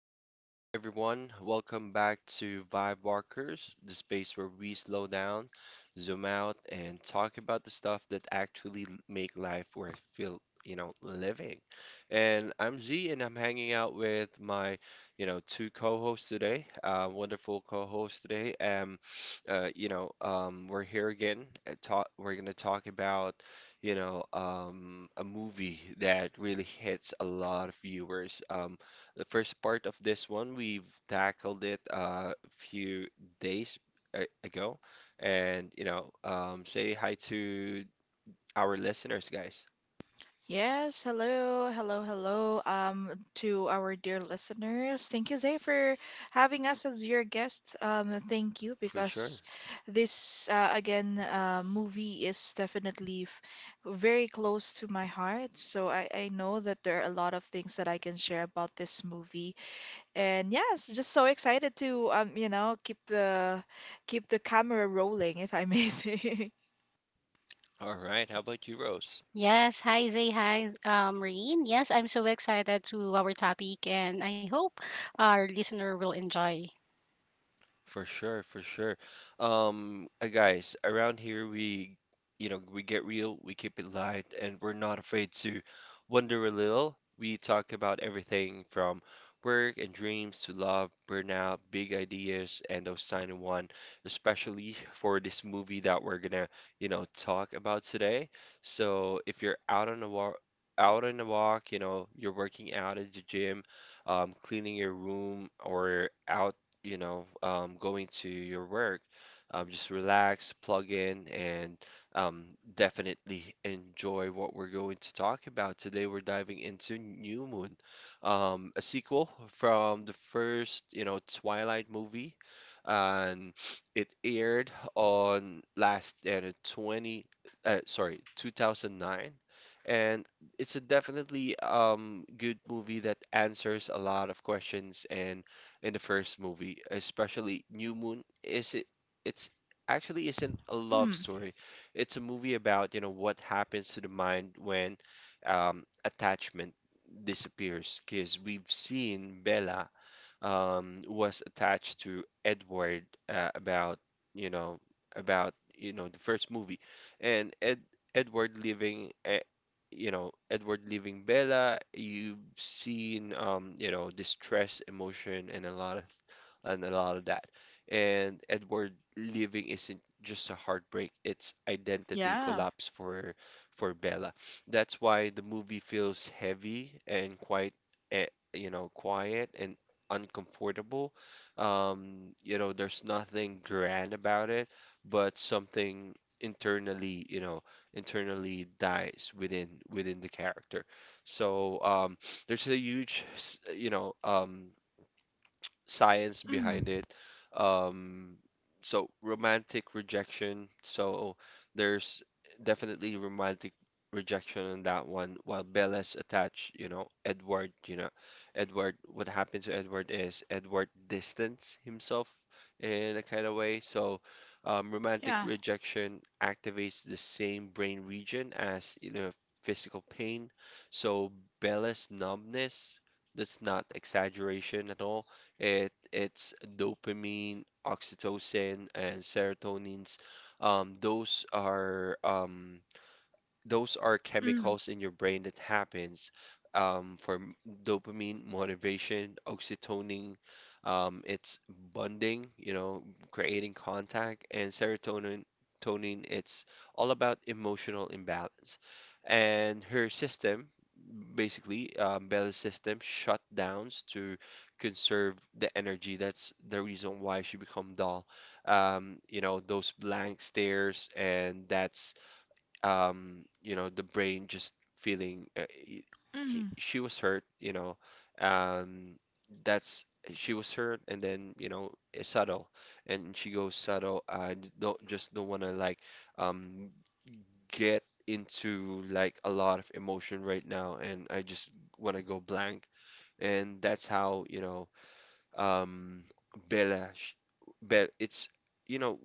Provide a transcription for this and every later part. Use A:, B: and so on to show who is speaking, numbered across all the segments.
A: what's up, everyone? Welcome back to Vibe Walkers, the space where we slow down, zoom out, and talk about the stuff that actually make life worth feel, living. And I'm Z, and I'm hanging out with my, two co-hosts today. Wonderful co-hosts today. We're here again. Talk. We're gonna talk about, a movie that really hits a lot of viewers. The first part of this one, we've tackled it a few days ago. And say hi to our listeners, guys,
B: Yes, hello, to our dear listeners. Thank you, Zay, for having us as your guests. Thank you
A: for sure.
B: because this movie is definitely f very close to my heart. So I know that there are a lot of things that I can share about this movie. And yes, just so excited to, keep the camera rolling, if I may say.
A: All right. How about you, Rose?
C: Yes, hi Zay, hi Maureen. Yes, I'm so excited to our topic and I hope our listener will enjoy.
A: For sure, for sure. Guys, around here we get real, we keep it light, and we're not afraid to wonder a little. We talk about everything from work and dreams to love, burnout, big ideas, and those tiny one, especially for this movie that we're gonna, talk about today. So if you're out on a walk, you're working out at the gym, cleaning your room, or going to your work, just relax, plug in, and um, definitely enjoy what we're going to talk about. Today, we're diving into New Moon, a sequel from the first, Twilight movie. And it aired on last 20, sorry, 2009. And it's a definitely good movie that answers a lot of questions and in the first movie, especially New Moon, is it it's actually isn't a love
B: Mm,
A: story. It's a movie about, what happens to the mind when attachment disappears. Because we've seen Bella was attached to Edward you know about you know the first movie, and Ed Edward leaving. Edward leaving Bella, you've seen, distress, emotion, and and a lot of that. And Edward leaving isn't just a heartbreak, it's identity
B: yeah.
A: collapse for Bella. That's why the movie feels heavy and quite quiet and uncomfortable. There's nothing grand about it, but something internally dies within the character. So there's a huge, science
B: Mm,
A: behind it. Um, so romantic rejection. So there's definitely romantic rejection on that one. While Bella's attached, Edward, what happened to Edward is Edward distanced himself in a kind of way. So romantic
B: yeah.
A: rejection activates the same brain region as, physical pain. So Bella's numbness, that's not exaggeration at all. It's dopamine, oxytocin, and serotonins. Um, those are um, those are
B: Mm,
A: chemicals in your brain that happens um, for m- dopamine, motivation, oxytocin, it's bonding, creating contact, and serotonin, it's all about emotional imbalance. And her system, basically, Bella's system shut downs to conserve the energy. That's the reason why she become dull. Those blank stares, and that's the brain just feeling
B: mm.
A: she was hurt, um, that's she was hurt, and then it's subtle, and she goes subtle. I don't want to like um get into like a lot of emotion right now, and I just want to go blank, and that's how um Bella, sh- Bella, it's you know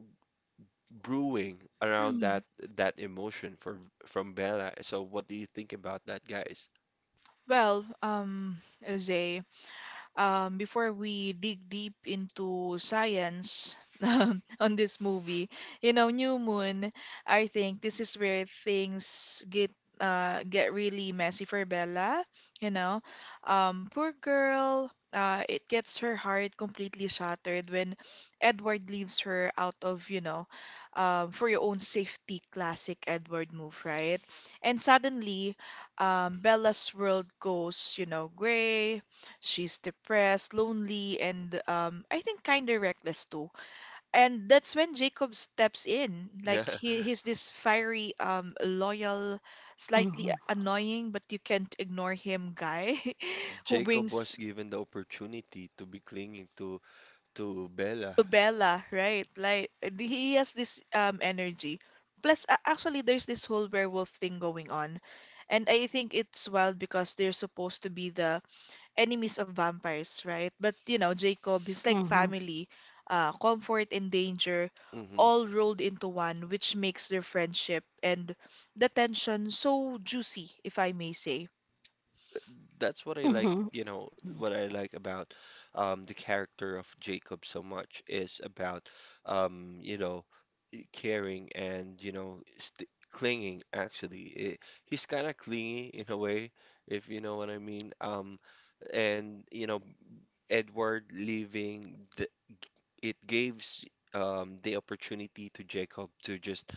A: brewing around that
B: Mm,
A: that emotion from Bella. So what do you think about that, guys?
B: Well, Jose, before we dig deep into science on this movie, you know, New Moon, I think this is where things get really messy for Bella. You know, poor girl. It gets her heart completely shattered when Edward leaves her out of, you know, for your own safety, classic Edward move, right? And suddenly, Bella's world goes, you know, gray. She's depressed, lonely, and I think kind of reckless too. And that's when Jacob steps in. Like
A: Yeah,
B: he's this fiery, loyal,
C: Mm-hmm,
B: slightly annoying, but you can't ignore him guy who
A: Jacob
B: brings
A: was given the opportunity to be clinging to Bella.
B: to Bella, right? Like he has this energy. Plus, actually, there's this whole werewolf thing going on, and I think it's wild because they're supposed to be the enemies of vampires, right? But you know, Jacob, his like
C: mm-hmm,
B: family, comfort and danger
A: hmm
B: all rolled into one, which makes their friendship and the tension so juicy, if I may say.
A: That's what I like,
C: mm-hmm.
A: you know, what I like about the character of Jacob so much is about, um, you know, caring and, you know, st clinging actually. He's kind of clingy in a way, if you know what I mean. And Edward leaving the it gives the opportunity to Jacob to just,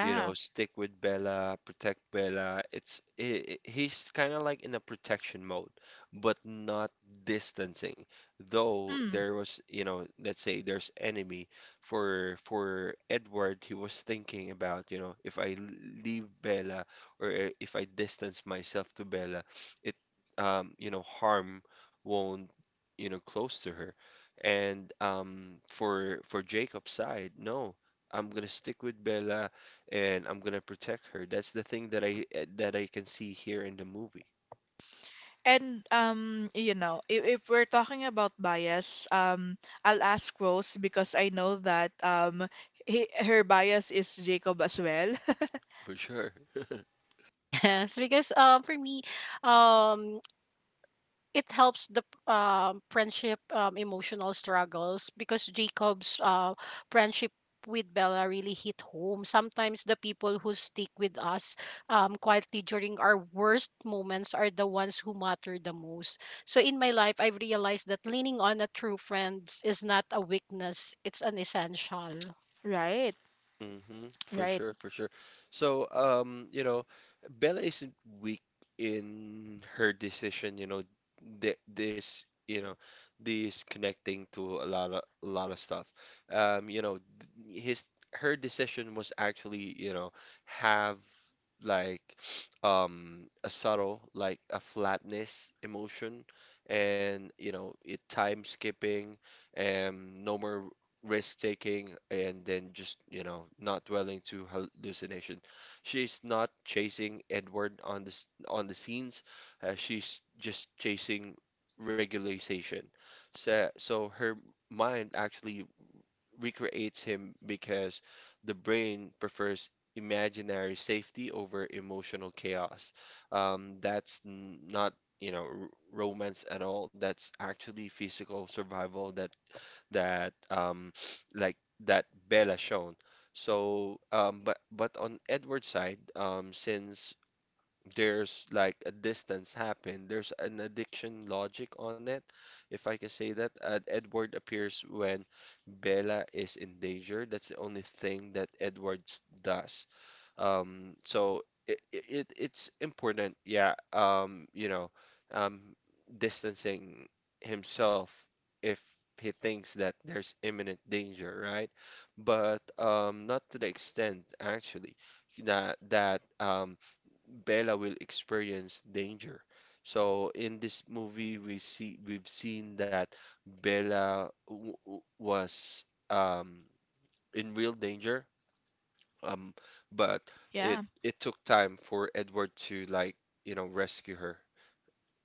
A: stick with Bella, protect Bella. He's kind of like in a protection mode, but not distancing. Though
B: Mm.
A: there was, let's say there's enemy for Edward, he was thinking about, if I leave Bella or if I distance myself to Bella, it harm won't, close to her. And for Jacob's side, no, I'm gonna stick with Bella and I'm gonna protect her. That's the thing that I can see here in the movie.
B: And you know, if we're talking about bias, I'll ask Rose because I know that her bias is Jacob as well.
A: For sure.
C: Yes, because for me, um, it helps the friendship emotional struggles because Jacob's friendship with Bella really hit home. Sometimes the people who stick with us quietly during our worst moments are the ones who matter the most. So in my life, I've realized that leaning on a true friend is not a weakness; it's an essential.
B: Right,
A: For
B: right.
A: sure, for sure. So, Bella isn't weak in her decision, you know, th this, you know, this connecting to a lot of stuff. You know, th- his Her decision was actually, have like a subtle like a flatness emotion. And it time skipping, and no more risk taking, and then just not dwelling to hallucination. She's not chasing Edward on the scenes. She's just chasing regularization. So her mind actually recreates him, because the brain prefers imaginary safety over emotional chaos. That's not, romance at all. That's actually physical survival that like that Bella shown. So, but on Edward's side, since there's like a distance happen. There's an addiction logic on it, if I can say that. Edward appears when Bella is in danger. That's the only thing that Edward does. So it's important, yeah. Um, Distancing himself if he thinks that there's imminent danger, right? But not to the extent actually that Bella will experience danger. So in this movie, we've seen that Bella was um, in real danger, um, but it
B: Yeah,
A: it took time for Edward to like, rescue her.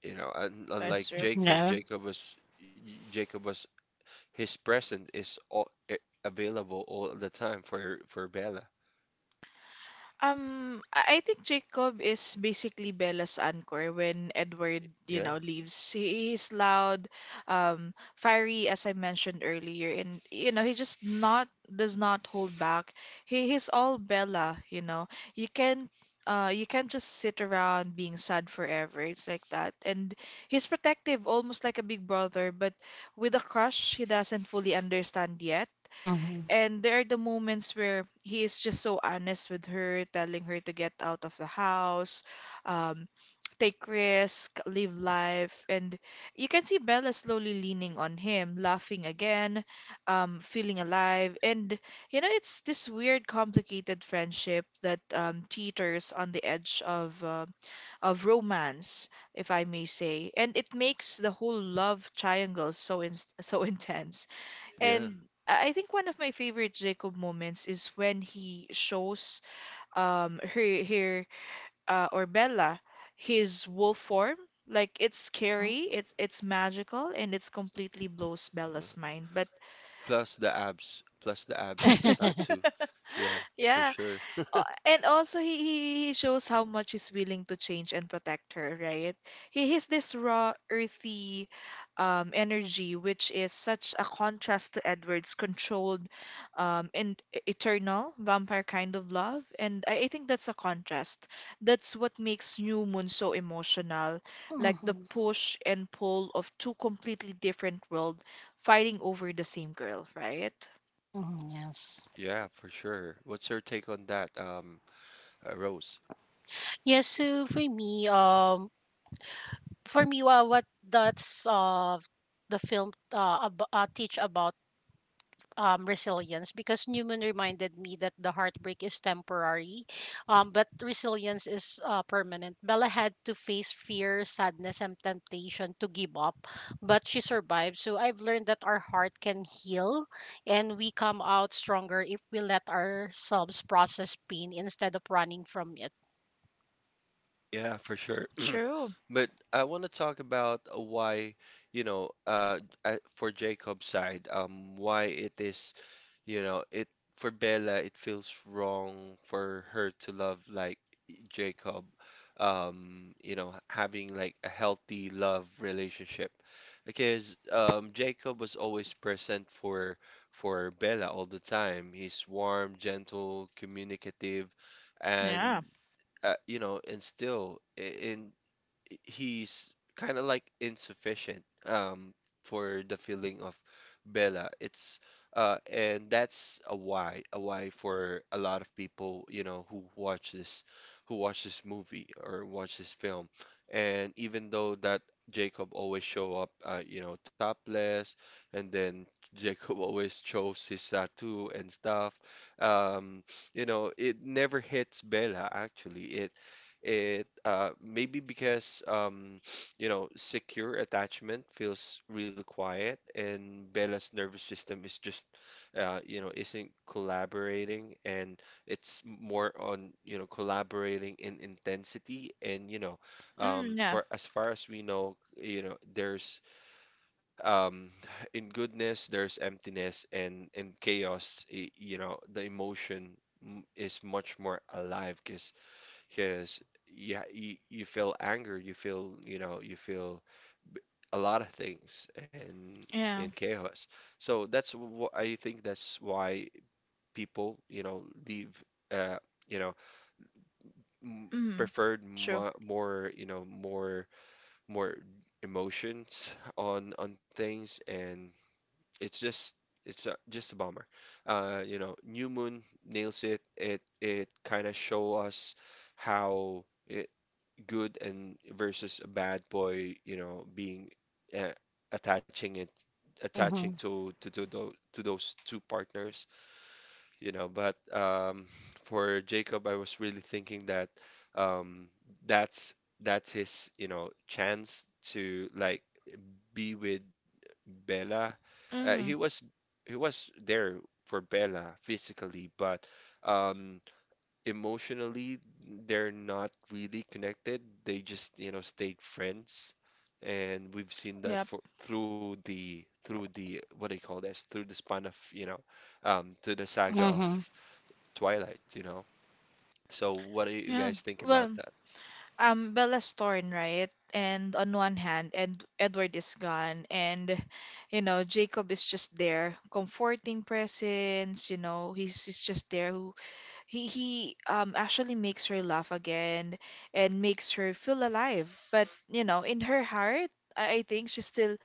A: You know, un
B: that's
A: Unlike
B: true.
A: Jacob,
C: Yeah.
A: Jacob was y- Jacob was his present is all available all the time for Bella.
B: I think Jacob is basically Bella's anchor when Edward, you
A: Yeah,
B: know, leaves. He is loud, fiery, as I mentioned earlier, and you know, he just not does not hold back. He's all Bella, you know. You can you can't just sit around being sad forever. It's like that. And he's protective, almost like a big brother, but with a crush he doesn't fully understand yet.
C: Mm-hmm.
B: And there are the moments where he is just so honest with her, telling her to get out of the house, um, take risk, live life. And you can see Bella slowly leaning on him, laughing again, feeling alive. And, you know, it's this weird, complicated friendship that teeters on the edge of romance, if I may say. And it makes the whole love triangle so, in so intense.
A: yeah.
B: And I think one of my favorite Jacob moments is when he shows her her or Bella his wolf form. Like it's scary, it's magical, and it's completely blows
A: Yeah.
B: Bella's mind. But
A: Plus the abs and the tattoo. Yeah, for
B: yeah,
A: sure.
B: And also he shows how much he's willing to change and protect her, right? He has this raw, earthy energy, which is such a contrast to Edward's controlled and eternal vampire kind of love. And I think that's a contrast. That's what makes New Moon so emotional, like the
C: Mm-hmm.
B: push and pull of two completely different worlds fighting over the same girl, right?
C: Hmm. Yes.
A: Yeah, for sure. What's your take on that, Rose?
C: Yes. So for me, well, what does the film teach about resilience? Because Newman reminded me that the heartbreak is temporary, but resilience is permanent. Bella had to face fear, sadness, and temptation to give up, but she survived. So I've learned that our heart can heal and we come out stronger if we let ourselves process pain instead of running from it.
A: Yeah, for sure.
B: True.
A: But I want to talk about why, you know, uh, for Jacob's side, why it is, it for Bella, it feels wrong for her to love like Jacob, having like a healthy love relationship, because Jacob was always present for Bella all the time. He's warm, gentle, communicative,
B: Yeah.
A: and you know, instill I- in he's kind of like insufficient for the feeling of Bella. It's and that's a why for a lot of people, who watch this movie or watch this film. And even though that Jacob always show up topless, and then Jacob always shows his tattoo and stuff. Um, it never hits Bella actually. It maybe because secure attachment feels really quiet, and Bella's nervous system is just isn't collaborating, and it's more on collaborating in intensity, and
B: Mm,
A: for as far as we know, there's um, in goodness there's emptiness, and in chaos, the emotion is much more alive, because you feel anger, you feel a lot of things and in
B: yeah.
A: chaos. So that's what I think that's why people leave uh you know m
B: Mm,
A: preferred
B: true.
A: mo more you know more more emotions on things, and it's just it's just a bummer. New Moon nails it. It kind of show us how. I Good and versus a bad boy, being uh, attaching it attaching
C: Mm-hmm.
A: to those two partners. But for Jacob, I was really thinking that um, that's that's his, chance to like be with Bella. Uh, he
B: Mm,
A: was he was there for Bella physically, but um, emotionally they're not really connected. They just, stayed friends. And we've seen that
B: yep.
A: for through the what do you call this? Through the span of, to the saga of
C: Mm-hmm.
A: Twilight. So what do you
B: Yeah.
A: guys think about
B: Well,
A: that?
B: Bella's torn, right? And on one hand, Ed Edward is gone, and you know, Jacob is just there, comforting presence. You know, he's just there. Who he actually makes her laugh again, and makes her feel alive. But you know, in her heart, I think she still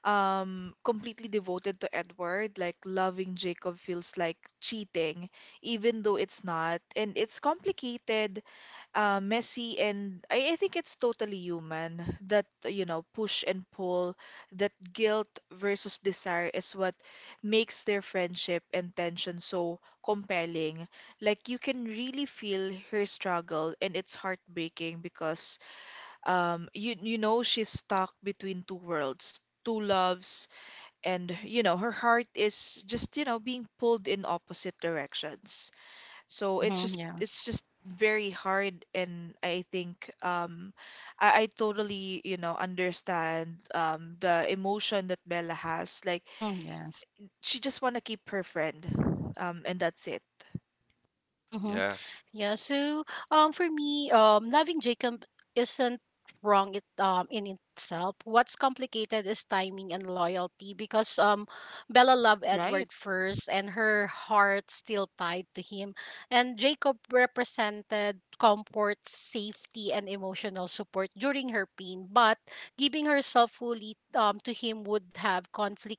B: completely devoted to Edward, like loving Jacob feels like cheating, even though it's not. And it's complicated, messy, and I think it's totally human that, you know, push and pull, that guilt versus desire is what makes their friendship and tension so compelling. Like you can really feel her struggle, and it's heartbreaking because you you know she's stuck between two worlds, two loves, and you know her heart is just you know being pulled in opposite directions. So
C: Mm-hmm.
B: it's
C: Yes.
B: just very hard. And I think I totally you know understand the emotion that bella has. Like
C: Mm, yes.
B: she just want to keep her friend, and that's it.
C: Mm-hmm.
A: Yeah,
C: Yeah, so for me, loving Jacob isn't wrong it in itself. What's complicated is timing and loyalty because Bella loved
B: Right.
C: Edward first and her heart still tied to him. And Jacob represented comfort, safety and emotional support during her pain, but giving herself fully to him would have conflict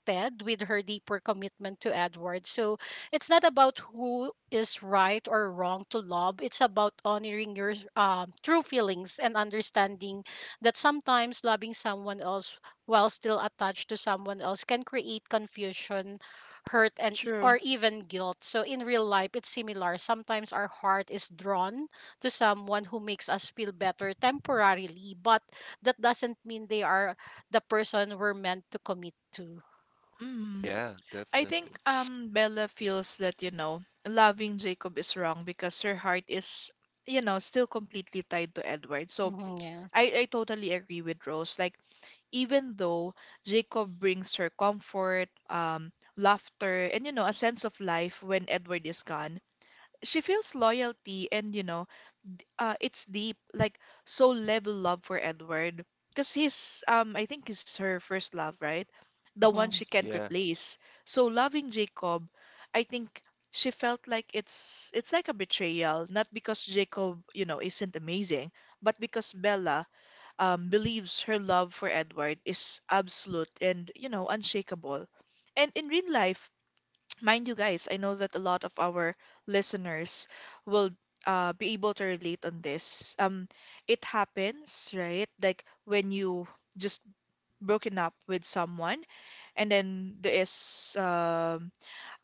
C: Ted with her deeper commitment to Edward. So it's not about who is right or wrong to love. It's about honoring your true feelings and understanding that sometimes loving someone else while still attached to someone else can create confusion, hurt, and or
B: True.
C: even guilt. So in real life, it's similar. Sometimes our heart is drawn to someone who makes us feel better temporarily, but that doesn't mean they are the person we're meant to commit to.
B: Mm.
A: yeah,
B: I
A: definitely.
B: think Bella feels that, you know, loving Jacob is wrong because her heart is, you know, still completely tied to Edward. So
C: Mhm, yes.
B: I totally agree with Rose. Like, even though Jacob brings her comfort, laughter, and, you know, a sense of life when Edward is gone, she feels loyalty and, you know, it's deep, like, so level love for Edward. Because he's, I think he's her first love, right? The one she
C: Mhm,
B: can't
A: Yeah,
B: replace. So loving Jacob, I think she felt like it's like a betrayal, not because Jacob, you know, isn't amazing, but because Bella believes her love for Edward is absolute and, you know, unshakable. And in real life, mind you guys, I know that a lot of our listeners will be able to relate on this. It happens, right? Like when you just broken up with someone, and then there is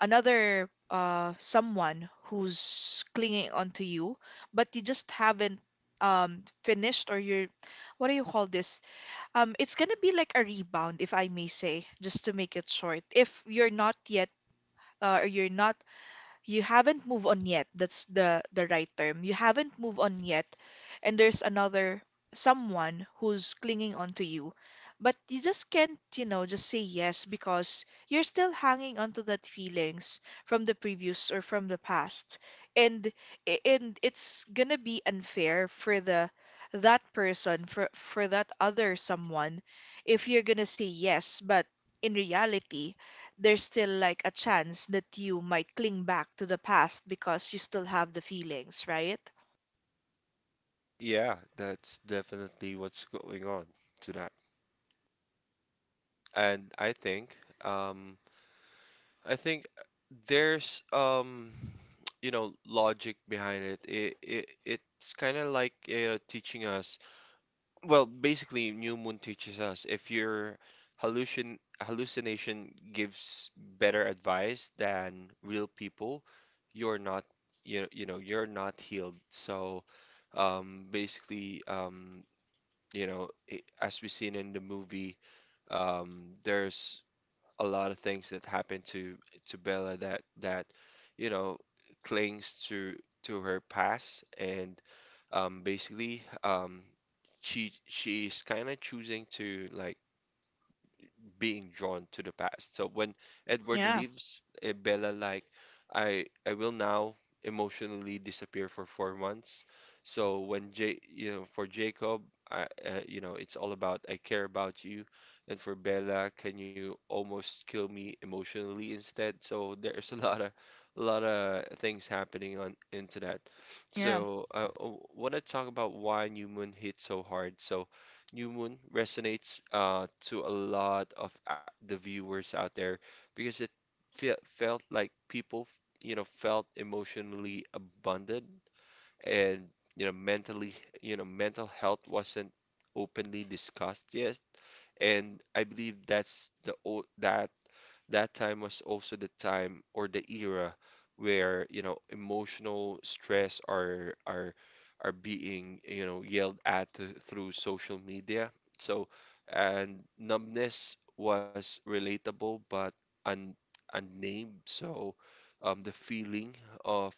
B: another someone who's clinging onto you, but you just haven't finished or you're, what do you call this? It's gonna be like a rebound, if I may say, just to make it short. If you're not yet, or you're not you haven't moved on yet. That's the right term. You haven't moved on yet, and there's another someone who's clinging on to you. But you just can't, you know, just say yes because you're still hanging onto that feelings from the previous or from the past. And and it's gonna be unfair for the that person for that other someone if you're gonna say yes, but in reality there's still like a chance that you might cling back to the past because you still have the feelings, right?
A: yeah, that's definitely what's going on to that. And um, I think there's logic behind it. It's kind of like teaching us. Well, basically, New Moon teaches us if your hallucination gives better advice than real people, you're not you're not healed. So basically, I as we seen in the movie, there's a lot of things that happened to Bella that you know clings to her past and basically she is kind of choosing to like being drawn to the past. So when Edward
B: Yeah,
A: leaves, Bella like, I will now emotionally disappear for 4 months. So when J you know for Jacob, I you know it's all about I care about you, and for Bella, can you almost kill me emotionally instead? So there's a lot of things happening on into that.
B: yeah,
A: So I want to talk about why New Moon hit so hard. So New Moon resonates to a lot of a- the viewers out there because it fe felt like people, felt emotionally abundant and, mentally, mental health wasn't openly discussed yet. And I believe that's the o that that time was also the time or the era where, emotional stress are being, yelled at through social media. So, and numbness was relatable but un unnamed. So, the feeling of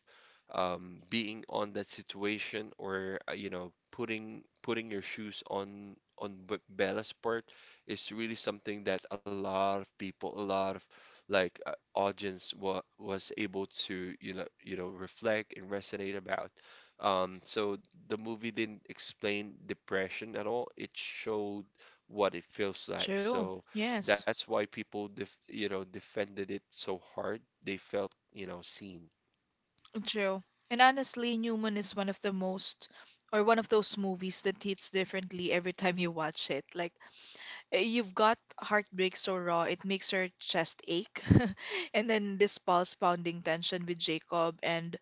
A: being on that situation or putting your shoes on Bella's part is really something that a lot of like audience wa was able to reflect and resonate about. So the movie didn't explain depression at all. It showed what it feels like.
B: true.
A: So
B: Yes,
A: that's why people defended it so hard. They felt seen.
B: true. And honestly, Newman is one of the most, or one of those movies that hits differently every time you watch it. Like, you've got heartbreak so raw, it makes your chest ache. And then this pulse pounding tension with Jacob and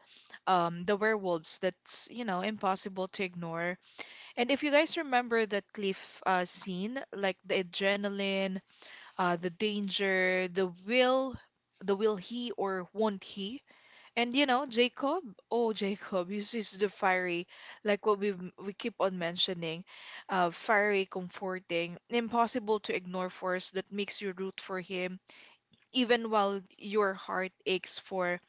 B: the werewolves that's, you know, impossible to ignore. And if you guys remember that cliff scene, like the adrenaline, the danger, the will he or won't he? And you know, Jacob, oh Jacob, he's the fiery, like what we keep on mentioning, fiery, comforting, impossible to ignore force that makes you root for him, even while your heart aches for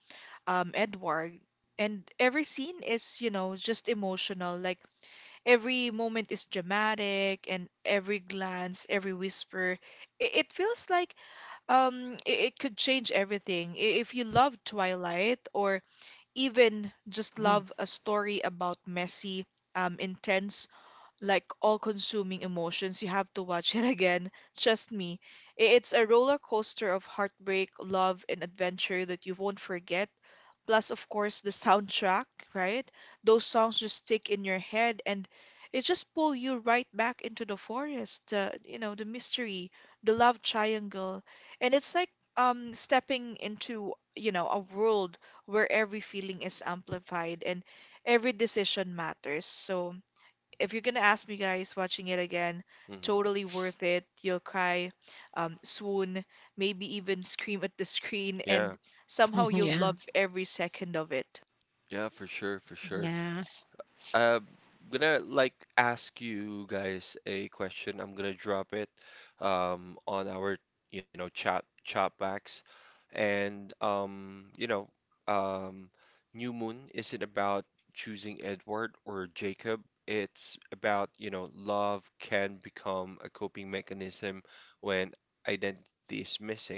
B: Edward. And every scene is, you know, just emotional, like every moment is dramatic, and every glance, every whisper, it feels like it could change everything. If you love Twilight, or even just
C: mhm,
B: love a story about messy, intense, like all-consuming emotions, you have to watch it again. Trust me, it's a roller coaster of heartbreak, love, and adventure that you won't forget, plus of course the soundtrack, right? Those songs just stick in your head and it just pull you right back into the forest, the, you know, the mystery, the love triangle. And it's like stepping into, you know, a world where every feeling is amplified and every decision matters. So if you're gonna ask me guys, watching it again,
A: Hmm.
B: totally worth it. You'll cry, swoon, maybe even scream at the screen,
A: Yeah,
B: and somehow
C: mhm,
B: you'll love
C: yes.
B: every second of it.
A: yeah, for sure, for sure.
C: Yes.
A: I'm gonna like ask you guys a question. I'm gonna drop it on our chat backs. And um New Moon isn't about choosing Edward or Jacob. It's about, love can become a coping mechanism when identity is missing.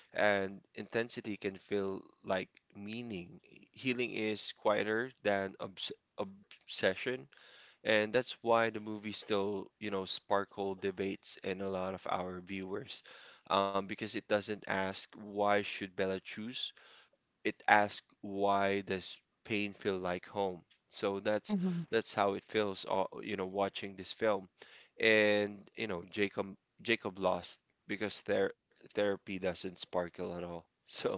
A: And intensity can feel like meaning. Healing is quieter than obs session, and that's why the movie still, sparkle debates in a lot of our viewers, because it doesn't ask why should Bella choose, it asks why does pain feel like home. So
C: Mhm.
A: that's how it feels watching this film. And you know jacob lost because therapy doesn't sparkle at all so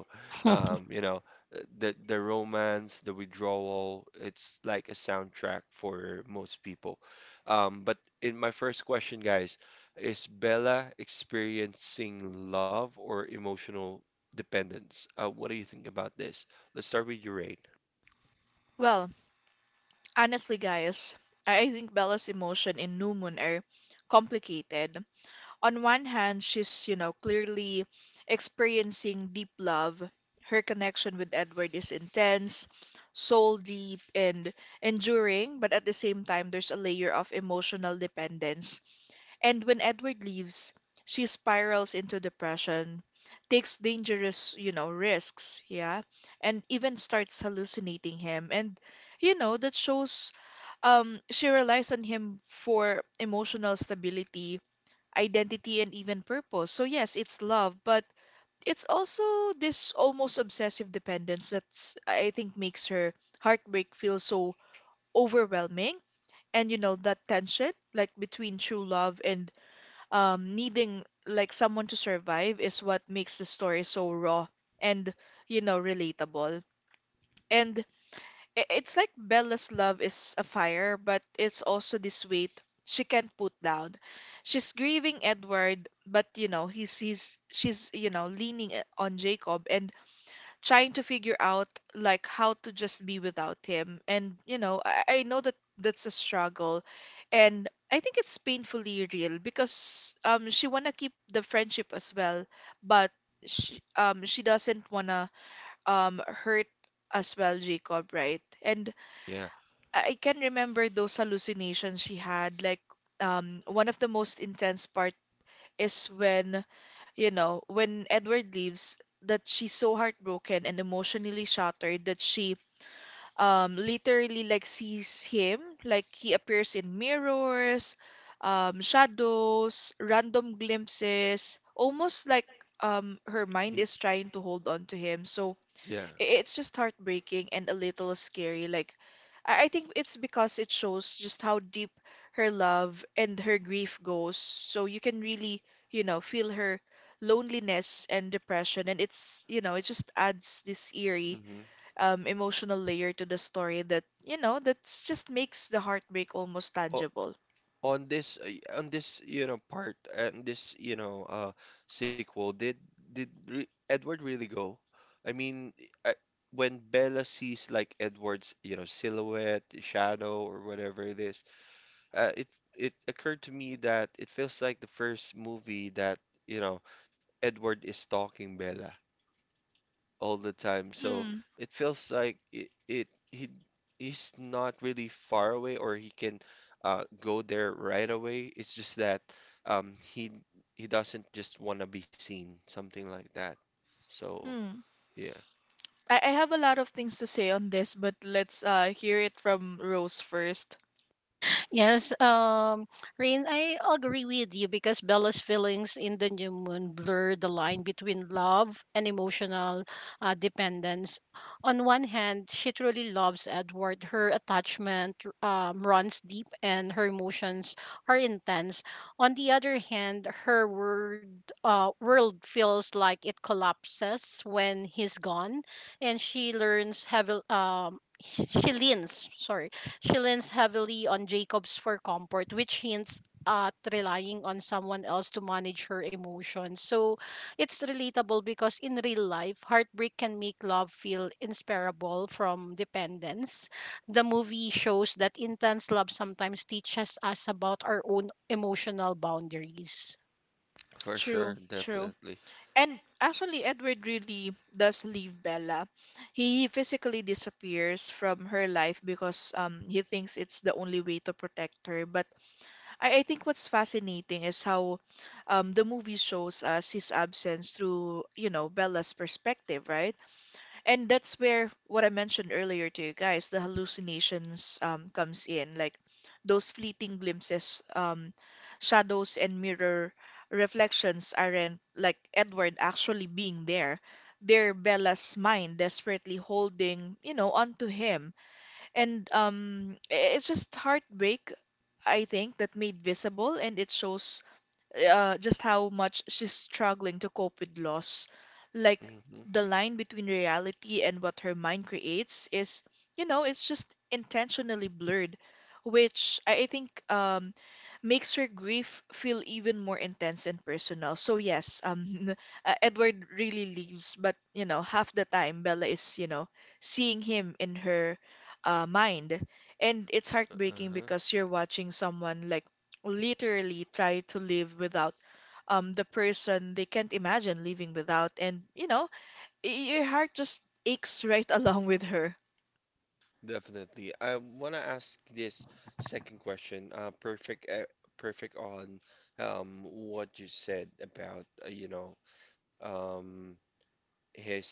A: um you know the romance the withdrawal it's like a soundtrack for most people. But in my first question guys, is Bella experiencing love or emotional dependence? What do you think about this? Let's start with your Rain.
B: Well honestly guys, I think bella's emotion in new moon are complicated. On one hand, she's, you know, clearly experiencing deep love. Her connection with Edward is intense, soul deep, and enduring, but at the same time, there's a layer of emotional dependence. And when Edward leaves, she spirals into depression, takes dangerous, you know, risks, yeah, and even starts hallucinating him. And, you know, that shows she relies on him for emotional stability, identity, and even purpose. So yes, it's love, but it's also this almost obsessive dependence that's I think makes her heartbreak feel so overwhelming. And you know that tension, like between true love and needing like someone to survive, is what makes the story so raw and you know relatable. And it's like Bella's love is a fire, but it's also this weight she can't put down. She's grieving Edward, but you know, he's she's you know leaning on Jacob and trying to figure out like how to just be without him. And you know, I know that that's a struggle, and I think it's painfully real because she wanna keep the friendship as well, but she doesn't wanna hurt as well Jacob, right? And
A: Yeah.
B: I can remember those hallucinations she had. One of the most intense part is you know, when Edward leaves, that she's so heartbroken and emotionally shattered that she literally like sees him, like he appears in mirrors, shadows, random glimpses, almost like her
A: He-
B: mind is trying to hold on to him. So,
A: Yeah.
B: it's just heartbreaking and a little scary. I think it's because it shows just how deep her love and her grief goes. So you can really, you know, feel her loneliness and depression. And it's, you know, it just adds this eerie,
A: Mm-hmm.
B: emotional layer to the story that, you know, that's just makes the heartbreak almost tangible.
A: On this, part, and this, sequel, did re Edward really go? I mean, I, when Bella sees like Edward's, silhouette, shadow, or whatever it is, it it occurred to me that it feels like the first movie that, you know, Edward is stalking Bella all the time. So
B: Hmm.
A: it feels like it he he's not really far away or he can go there right away. It's just that um, he he doesn't just want to be seen, something like that. So
B: Hmm.
A: yeah,
B: I have a lot of things to say on this, but let's hear it from Rose first.
C: Yes, Rain, I agree with you because Bella's feelings in the new moon blur the line between love and emotional dependence. On one hand, she truly loves Edward. Her attachment runs deep and her emotions are intense. On the other hand, her world feels like it collapses when he's gone, and she learns heavily. She leans, sorry she leans heavily on Jacobs for comfort, which hints at relying on someone else to manage her emotions. So it's relatable because in real life, heartbreak can make love feel inseparable from dependence. The movie shows that intense love sometimes teaches us about our own emotional boundaries.
A: for sure,
B: True, true.
A: definitely.
B: And actually, Edward really does leave Bella. He physically disappears from her life because he thinks it's the only way to protect her. But I think what's fascinating is how the movie shows us his absence through, you know, Bella's perspective, right? And that's where what I mentioned earlier to you guys, the hallucinations comes in, like those fleeting glimpses, shadows and mirror reflections aren't like Edward actually being there. They're Bella's mind desperately holding, you know, onto him. And it's just heartbreak, I think, that made visible, and it shows just how much she's struggling to cope with loss. Like
A: Hmm.
B: the line between reality and what her mind creates is, you know, it's just intentionally blurred, which I think makes her grief feel even more intense and personal. So yes, Edward really leaves, but you know, half the time Bella is, you know, seeing him in her mind, and it's heartbreaking
A: Uh-huh.
B: because you're watching someone like literally try to live without the person they can't imagine living without, and y- your heart just aches, right, along with her.
A: Definitely. I want to ask this second question. Perfect on what you said about um, his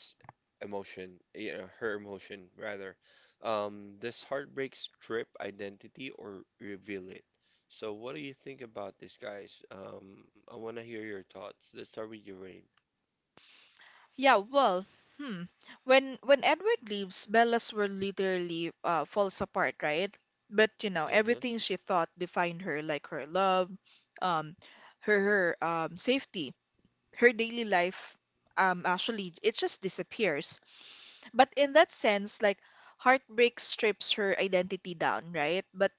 A: emotion, you know, her emotion rather. Does heartbreak strip identity or reveal it? So, what do you think about this, guys? I want to hear your thoughts. Let's start with you, Rain.
B: Yeah, well, hmm, when Edward leaves, Bella's world literally falls apart, right? But you know
A: Uh-huh,
B: everything she thought defined her, like her love, um her her safety, her daily life, actually it just disappears. But in that sense, like, heartbreak strips her identity down, right? But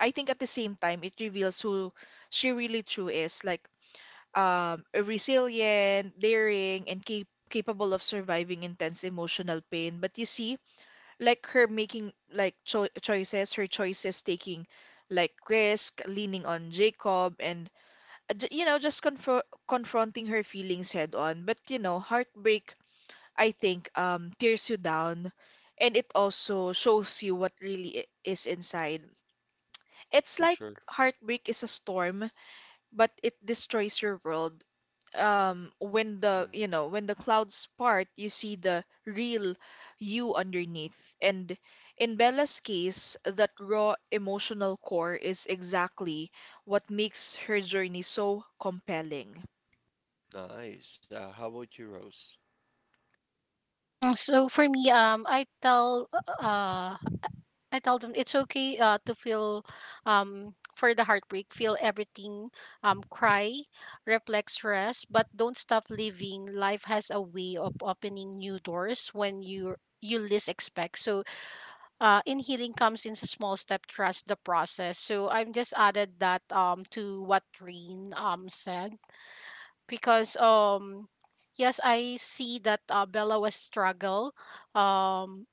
B: I think at the same time, it reveals who she really true is, like a resilient, daring, and capable of surviving intense emotional pain. But you see, like her making like choices, her choices taking like risk, leaning on Jacob, and you know, just confronting her feelings head on. But you know, heartbreak, I think, tears you down, and it also shows you what really is inside. It's
A: for
B: like
A: sure.
B: heartbreak is a storm, but it destroys your world. When
A: Mm.
B: when the clouds part, you see the real you underneath. And in Bella's case, that raw emotional core is exactly what makes her journey so compelling.
A: Nice. How about you, Rose?
C: Mm, so for me, uh I tell them it's okay to feel for the heartbreak, feel everything, cry, reflect, stress, but don't stop living. Life has a way of opening new doors when you least expect. So in healing comes in a small step, trust the process. So I've just added that to what Rain said because yes, I see that Bella was struggle um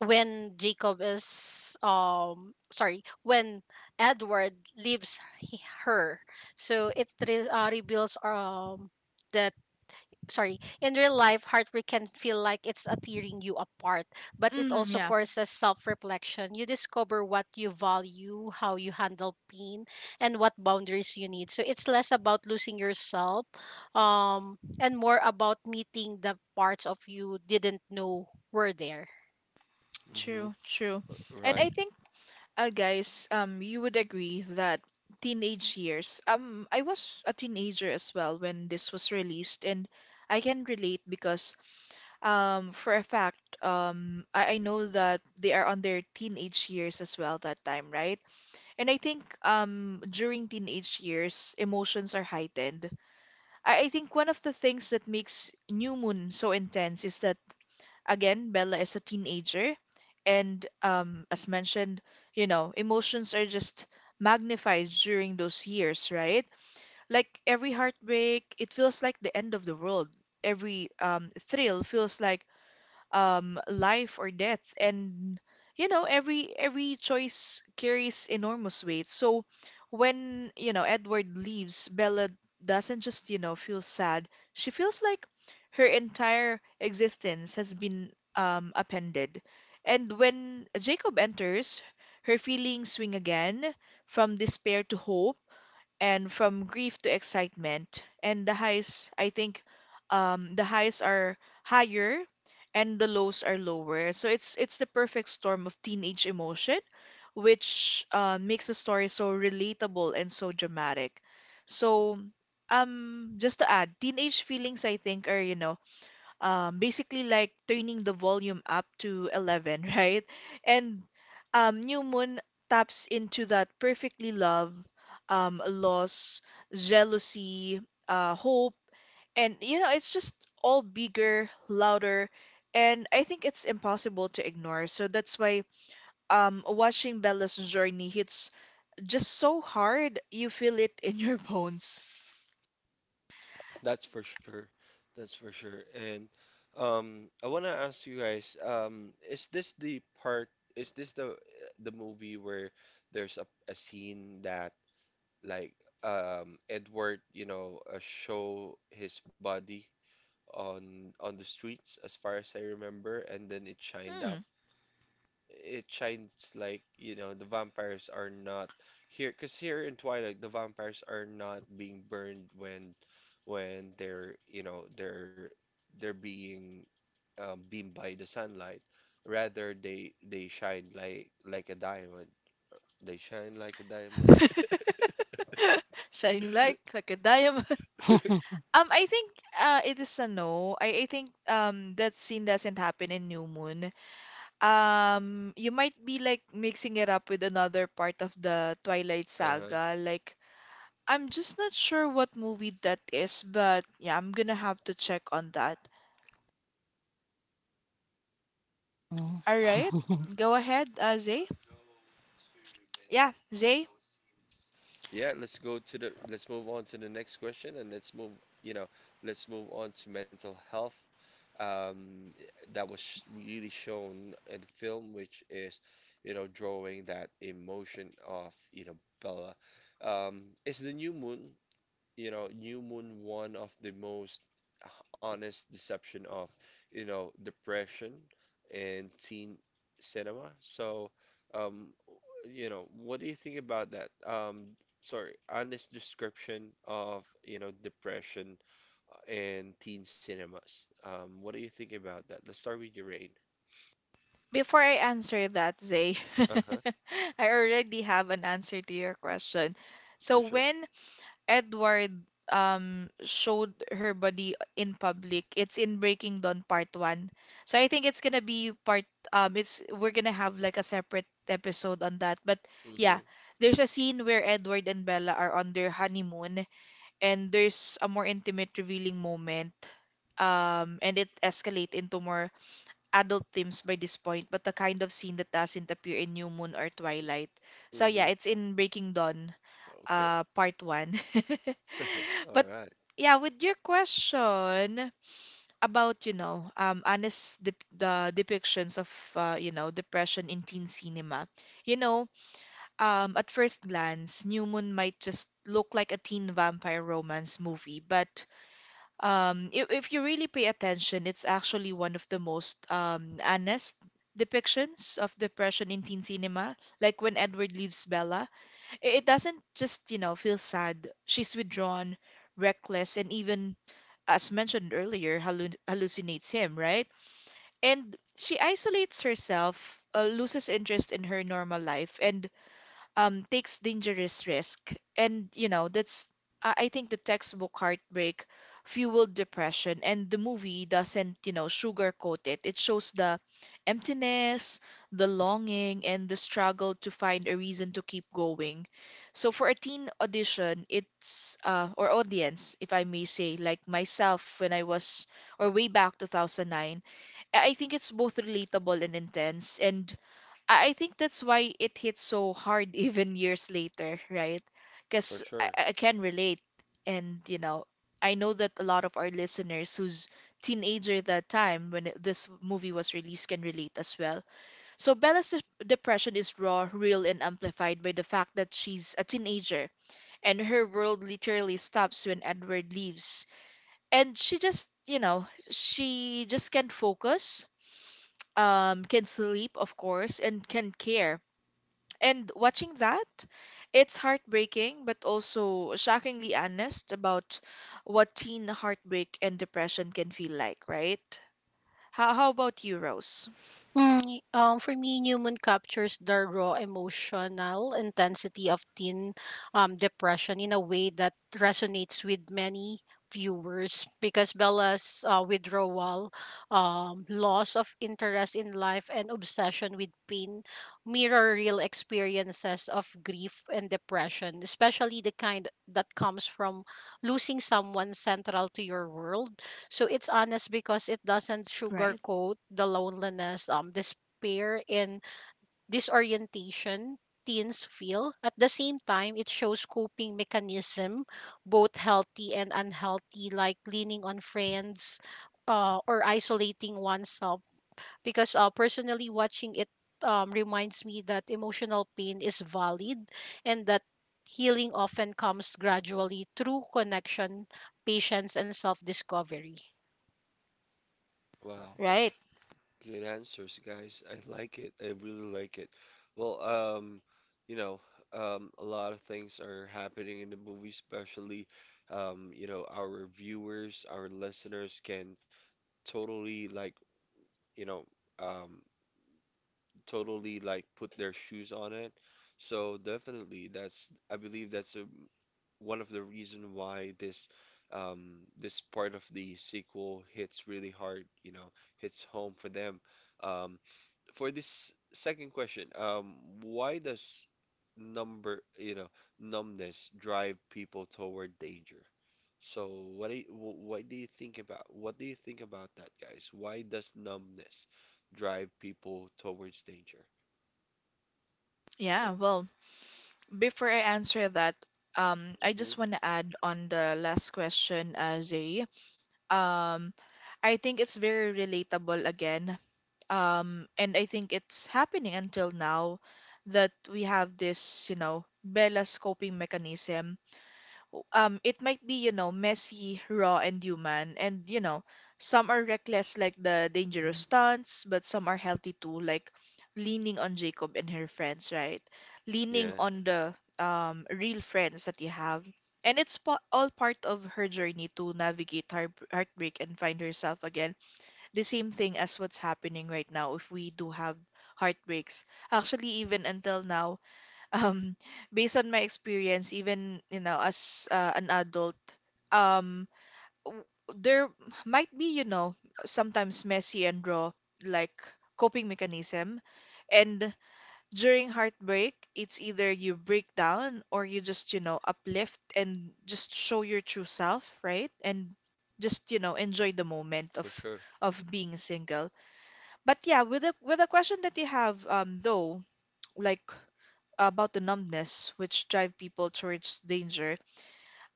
C: when Jacob is sorry when Edward leaves he, her so it reveals that sorry in real life heartbreak can feel like it's a tearing you apart but it
B: Mm,
C: also
B: yeah,
C: forces self-reflection. You discover what you value, how you handle pain and what boundaries you need, so it's less about losing yourself and more about meeting the parts of you didn't know were there.
A: Mm-hmm.
B: true, true. And
A: Right.
B: I think, guys, you would agree that teenage years. I was a teenager as well when this was released, and I can relate because, for a fact, I know that they are on their teenage years as well that time, right? And I think, during teenage years, emotions are heightened. I think one of the things that makes New Moon so intense is that again, Bella is a teenager, and as mentioned, you know, emotions are just magnified during those years, right? Like every heartbreak, it feels like the end of the world. Every thrill feels like life or death. And you know, every choice carries enormous weight. So when, you know, Edward leaves, Bella doesn't just, you know, feel sad. She feels like her entire existence has been upended. And when Jacob enters, her feelings swing again from despair to hope and from grief to excitement. And the highs, I think, the highs are higher and the lows are lower. So it's the perfect storm of teenage emotion, which makes the story so relatable and so dramatic. So just to add, teenage feelings, I think, are, you know, basically like turning the volume up to 11, right? And New Moon taps into that perfectly: love, loss, jealousy, hope, and you know, it's just all bigger, louder, and I think it's impossible to ignore. So that's why watching Bella's journey hits just so hard, you feel it in your bones.
A: That's for sure. That's for sure. And I want to ask you guys, is this the part, is this the movie where there's a scene that like Edward, show his body on the streets, as far as I remember, and then it shined up,
B: Hmm.
A: it shines like you know the vampires are not here because here in Twilight the vampires are not being burned when they're they're being beamed by the sunlight, rather they shine like a diamond, they shine like a diamond.
B: Shining like a diamond. I think it is a no. I think that scene doesn't happen in New Moon. You might be like mixing it up with another part of the Twilight Saga. Like, I'm just not sure what movie that is, but yeah, I'm gonna have to check on that.
C: uh
B: All right, go ahead, Zay. Yeah, Zay.
A: Yeah, let's move on to the next question and let's move, you know, let's move on to mental health. Um, that was really shown in the film, which is, drawing that emotion of, Bella. It's the new moon, you know, New Moon one of the most honest deception of, depression and teen cinema. So, um, what do you think about that? Sorry, honest description of, depression and teen cinemas. What do you think about that? Let's start with your rain.
B: Before I answer that, Zay,
A: Uh-huh,
B: I already have an answer to your question. So
A: for sure.
B: when Edward showed her body in public. It's in Breaking Dawn Part 1. So I think it's gonna be part it's we're gonna have like a separate episode on that. But
A: Mm-hmm,
B: yeah, there's a scene where Edward and Bella are on their honeymoon and there's a more intimate revealing moment. And it escalate into more adult themes by this point, but the kind of scene that doesn't appear in New Moon or Twilight. So
A: mm-hmm.
B: yeah, it's in Breaking Dawn,
A: Okay.
B: part one.
A: All
B: But
A: right,
B: yeah, with your question about, you know, honest dep the depictions of, you know, depression in teen cinema, you know, at first glance, New Moon might just look like a teen vampire romance movie, but if you really pay attention, it's actually one of the most honest depictions of depression in teen cinema, like when Edward leaves Bella. It doesn't just, you know, feel sad. She's withdrawn, reckless, and even, as mentioned earlier, hallucinates him, right? And she isolates herself, loses interest in her normal life, and takes dangerous risk. And, you know, that's, I think the textbook heartbreak fueled depression, and the movie doesn't, you know, sugarcoat it. It shows the emptiness, the longing, and the struggle to find a reason to keep going. So for a teen audition, it's, or audience, if I may say, like myself when I was, or way back 2009, I think it's both relatable and intense. And I think that's why it hits so hard even years later, right?
A: for
B: Because I,
A: sure.
B: I I can relate. And, you know, I know that a lot of our listeners who's teenager at that time when this movie was released can relate as well. So Bella's depression is raw, real, and amplified by the fact that she's a teenager and her world literally stops when Edward leaves. And she just, you know, she just can't focus, can sleep, of course, and can care, and watching that, it's heartbreaking, but also shockingly honest about what teen heartbreak and depression can feel like, right? How about you, Rose?
C: Mm, for me, New Moon captures the raw emotional intensity of teen depression in a way that resonates with many viewers because Bella's withdrawal, loss of interest in life, and obsession with pain mirror real experiences of grief and depression, especially the kind that comes from losing someone central to your world. So it's honest because it doesn't
B: Right.
C: sugarcoat the loneliness, despair, and disorientation teens feel. At the same time, it shows coping mechanism, both healthy and unhealthy, like leaning on friends, or isolating oneself. Because personally, watching it reminds me that emotional pain is valid, and that healing often comes gradually through connection, patience, and self-discovery.
A: Wow.
B: Right.
A: Good answers, guys. I like it. I really like it. Well, you know, a lot of things are happening in the movie, especially, our viewers, our listeners can totally like, you know, um, totally like put their shoes on it. So definitely, that's I believe that's a, one of the reason why this, this part of the sequel hits really hard. You know, hits home for them. Um, for this second question, why does number, you know, numbness drive people toward danger? So what do you, wh- what do you think about what do you think about that, guys? Why does numbness drive people towards danger?
B: Yeah, well, before I answer that, I
A: Hmm.
B: just want to add on the last question um, I think it's very relatable again. And I think it's happening until now that we have this, you know, Bella's coping mechanism, um, it might be, you know, messy, raw, and human, and you know some are reckless like the dangerous stunts, but some are healthy too, like leaning on Jacob and her friends, right? Leaning
A: Yeah,
B: on the, real friends that you have. And it's all part of her journey to navigate heartbreak and find herself again. The same thing as what's happening right now, if we do have heartbreaks, actually even until now, um, based on my experience, even, you know, as an adult, um w- there might be, you know, sometimes messy and raw, like coping mechanism. And during heartbreak, it's either you break down or you just, you know, uplift and just show your true self, right? And just, you know, enjoy the moment
A: for sure.
B: of being single. But yeah, with the question that you have though, like, about the numbness which drive people towards danger.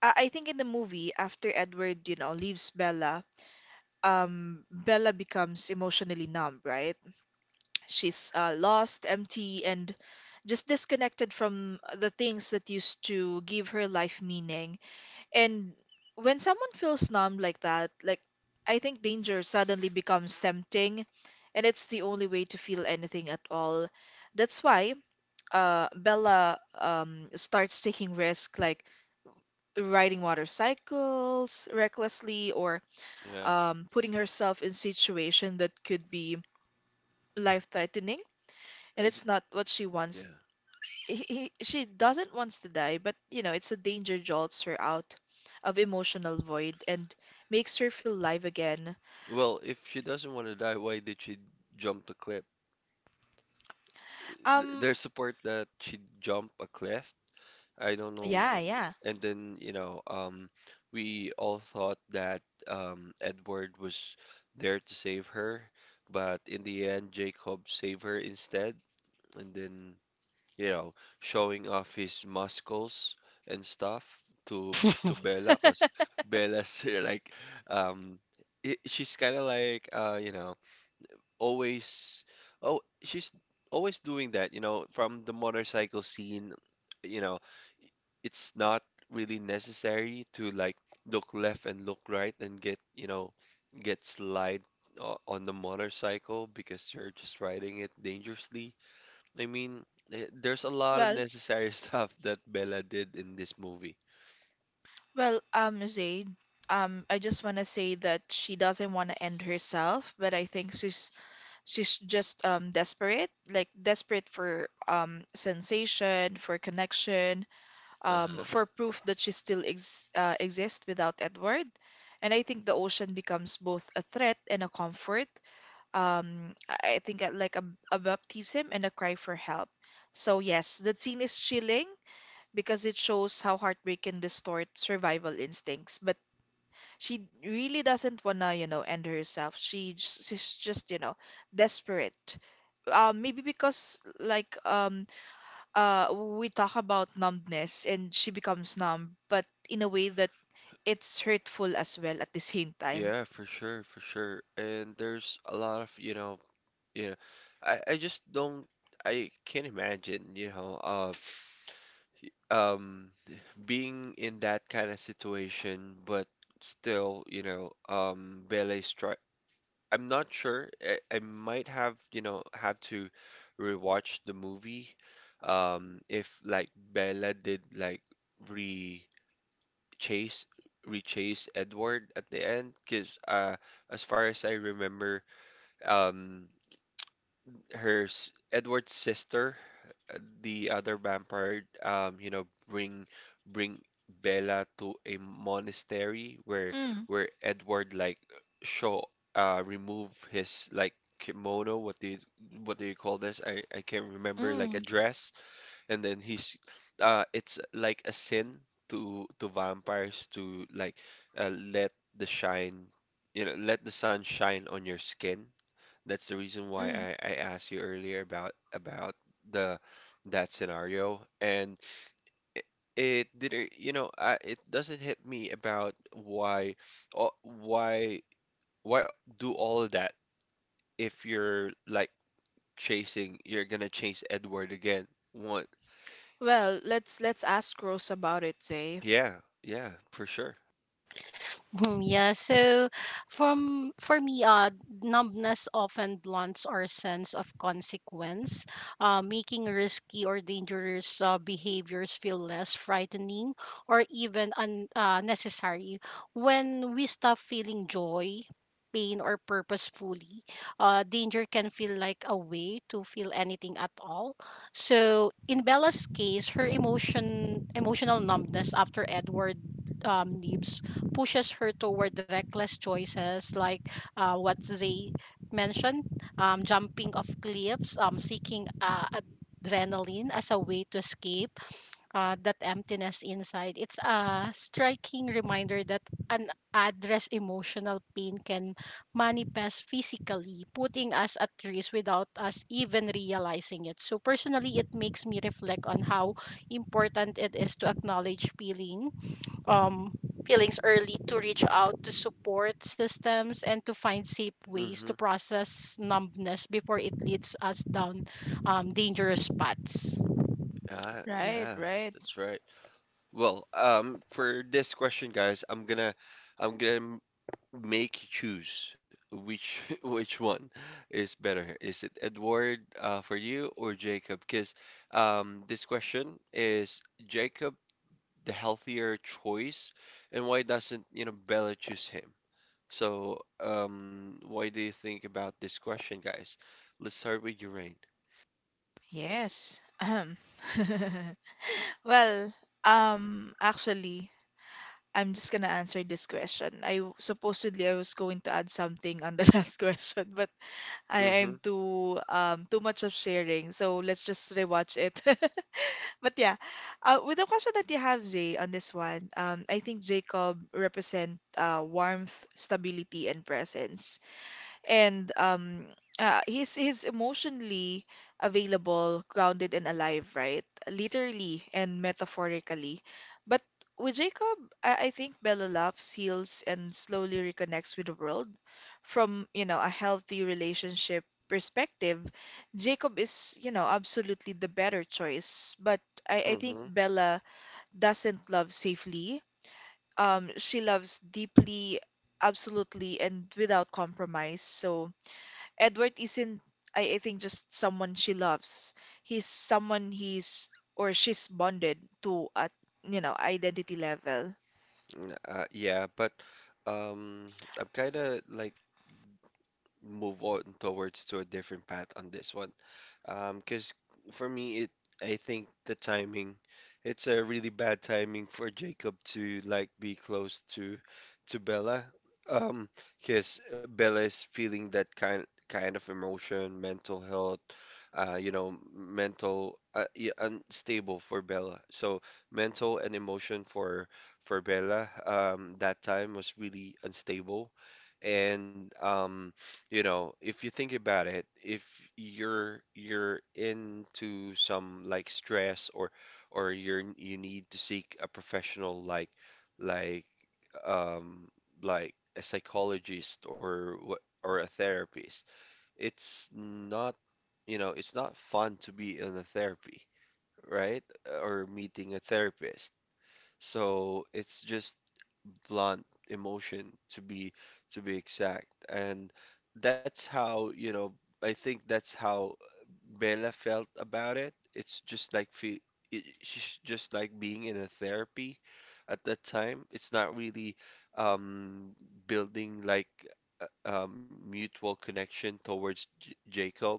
B: I think in the movie, after Edward, you know, leaves Bella, Bella becomes emotionally numb, right? She's lost, empty, and just disconnected from the things that used to give her life meaning. And when someone feels numb like that, like I think danger suddenly becomes tempting, and it's the only way to feel anything at all. That's why Bella starts taking risks like riding motorcycles recklessly or
A: Yeah.
B: putting herself in situation that could be life-threatening, and
A: I j-
B: it's not what she wants.
A: yeah.
B: She doesn't wants to die, but it's a danger jolts her out of emotional void and makes her feel live again.
A: Well, if she doesn't want to die, why did she jump the cliff?
B: Um,
A: There's support that she jumped a cliff, I don't know.
B: yeah, yeah.
A: And then, we all thought that Edward was there to save her, but in the end, Jacob saved her instead. And then, you know, showing off his muscles and stuff to to Bella, 'cause Bella's like, um, I she's kind of like, always, oh she's always doing that, you know from the motorcycle scene, you know it's not really necessary to like look left and look right and get you know get slide on the motorcycle because you're just riding it dangerously. I mean, there's a lot of
B: Well,
A: necessary stuff that Bella did in this movie.
B: Well, Zaid, I just want to say that she doesn't want to end herself, but I think she's just desperate, like desperate for sensation, for connection,
A: Uh-huh.
B: for proof that she still ex exists without Edward. And I think the ocean becomes both a threat and a comfort. I think like a baptism and a cry for help. So yes, the scene is chilling because it shows how heartbreak can distort survival instincts, but she really doesn't wanna, end herself. She's just, desperate. Maybe because uh we talk about numbness and she becomes numb, but in a way that it's hurtful as well at the same time.
A: Yeah, for sure, for sure, and there's a lot of you know, you know, I just don't, I can't imagine, um being in that kind of situation, but still, Bele strike, I'm not sure. I might have, have to rewatch the movie. Um, if like Bella did like re chase rechase Edward at the end, because as far as I remember, um her Edward's sister, the other vampire, bring bring Bella to a monastery
B: Mm.
A: where Edward like show, remove his like kimono, what do you call this? I can't remember, like a
B: Mm,
A: dress, and then he's it's like a sin to vampires to like let the shine, you know, let the sun shine on your skin. That's the reason why
B: mm.
A: I asked you earlier about the that scenario. And it, it didn't you know, I, it doesn't hit me about why, oh, why do all of that if you're like chasing, you're gonna chase Edward again, what?
B: Well, let's ask Rose about it, say.
A: Yeah, yeah for sure.
C: Yeah, so from for me, numbness often blunts our sense of consequence, making risky or dangerous behaviors feel less frightening or even necessary. When we stop feeling joy, pain or purpose fully, danger can feel like a way to feel anything at all. So in Bella's case, her emotion emotional numbness after Edward leaves pushes her toward reckless choices, like what they mentioned, jumping off cliffs, seeking adrenaline as a way to escape that emptiness inside. It's a striking reminder that an address emotional pain can manifest physically, putting us at risk without us even realizing it. So personally it makes me reflect on how important it is to acknowledge um, feelings early, to reach out to support systems and to find safe ways
A: Mm-hmm.
C: to process numbness before it leads us down dangerous paths.
A: Uh,
B: Right,
A: yeah,
B: right.
A: that's right. Well, for this question, guys, I'm gonna make you choose which which one is better. Is it Edward for you or Jacob? Because this question is, Jacob the healthier choice, and why doesn't you know Bella choose him? So, why do you think about this question, guys? Let's start with you, Rain.
B: Yes. Ahem. Well, actually, I'm just gonna answer this question. Supposedly I was going to add something on the last question, but I
A: Mm-hmm.
B: am too too much of sharing, so let's just rewatch it. But yeah, with the question that you have, Zay, on this one, I think Jacob represent warmth, stability, and presence and he's emotionally available, grounded and alive, right? Literally and metaphorically. But with Jacob, I think Bella laughs, heals, and slowly reconnects with the world. From, a healthy relationship perspective, Jacob is, absolutely the better choice. But I think
A: Mm-hmm.
B: Bella doesn't love safely. She loves deeply, absolutely, and without compromise. So Edward isn't, I think, just someone she loves. He's someone he's or she's bonded to at, identity level.
A: Yeah, but um, I'm kind of like move on towards to a different path on this one. 'Cause for me it I think the timing, it's a really bad timing for Jacob to like be close to Bella. Um, 'Cause Bella is feeling that kind of emotion, mental health, you know, mental yeah, unstable for Bella. So mental and emotion for Bella that time was really unstable. And you know, if you think about it, if you're you're into some like stress, or you're you need to seek a professional like um like a psychologist or what or a therapist, it's not you know, it's not fun to be in a therapy, right? Or meeting a therapist. So it's just blunt emotion to be exact. And that's how you know I think that's how Bella felt about it. It's just like fe it, she's just like being in a therapy at that time. It's not really um building like mutual connection towards J Jacob,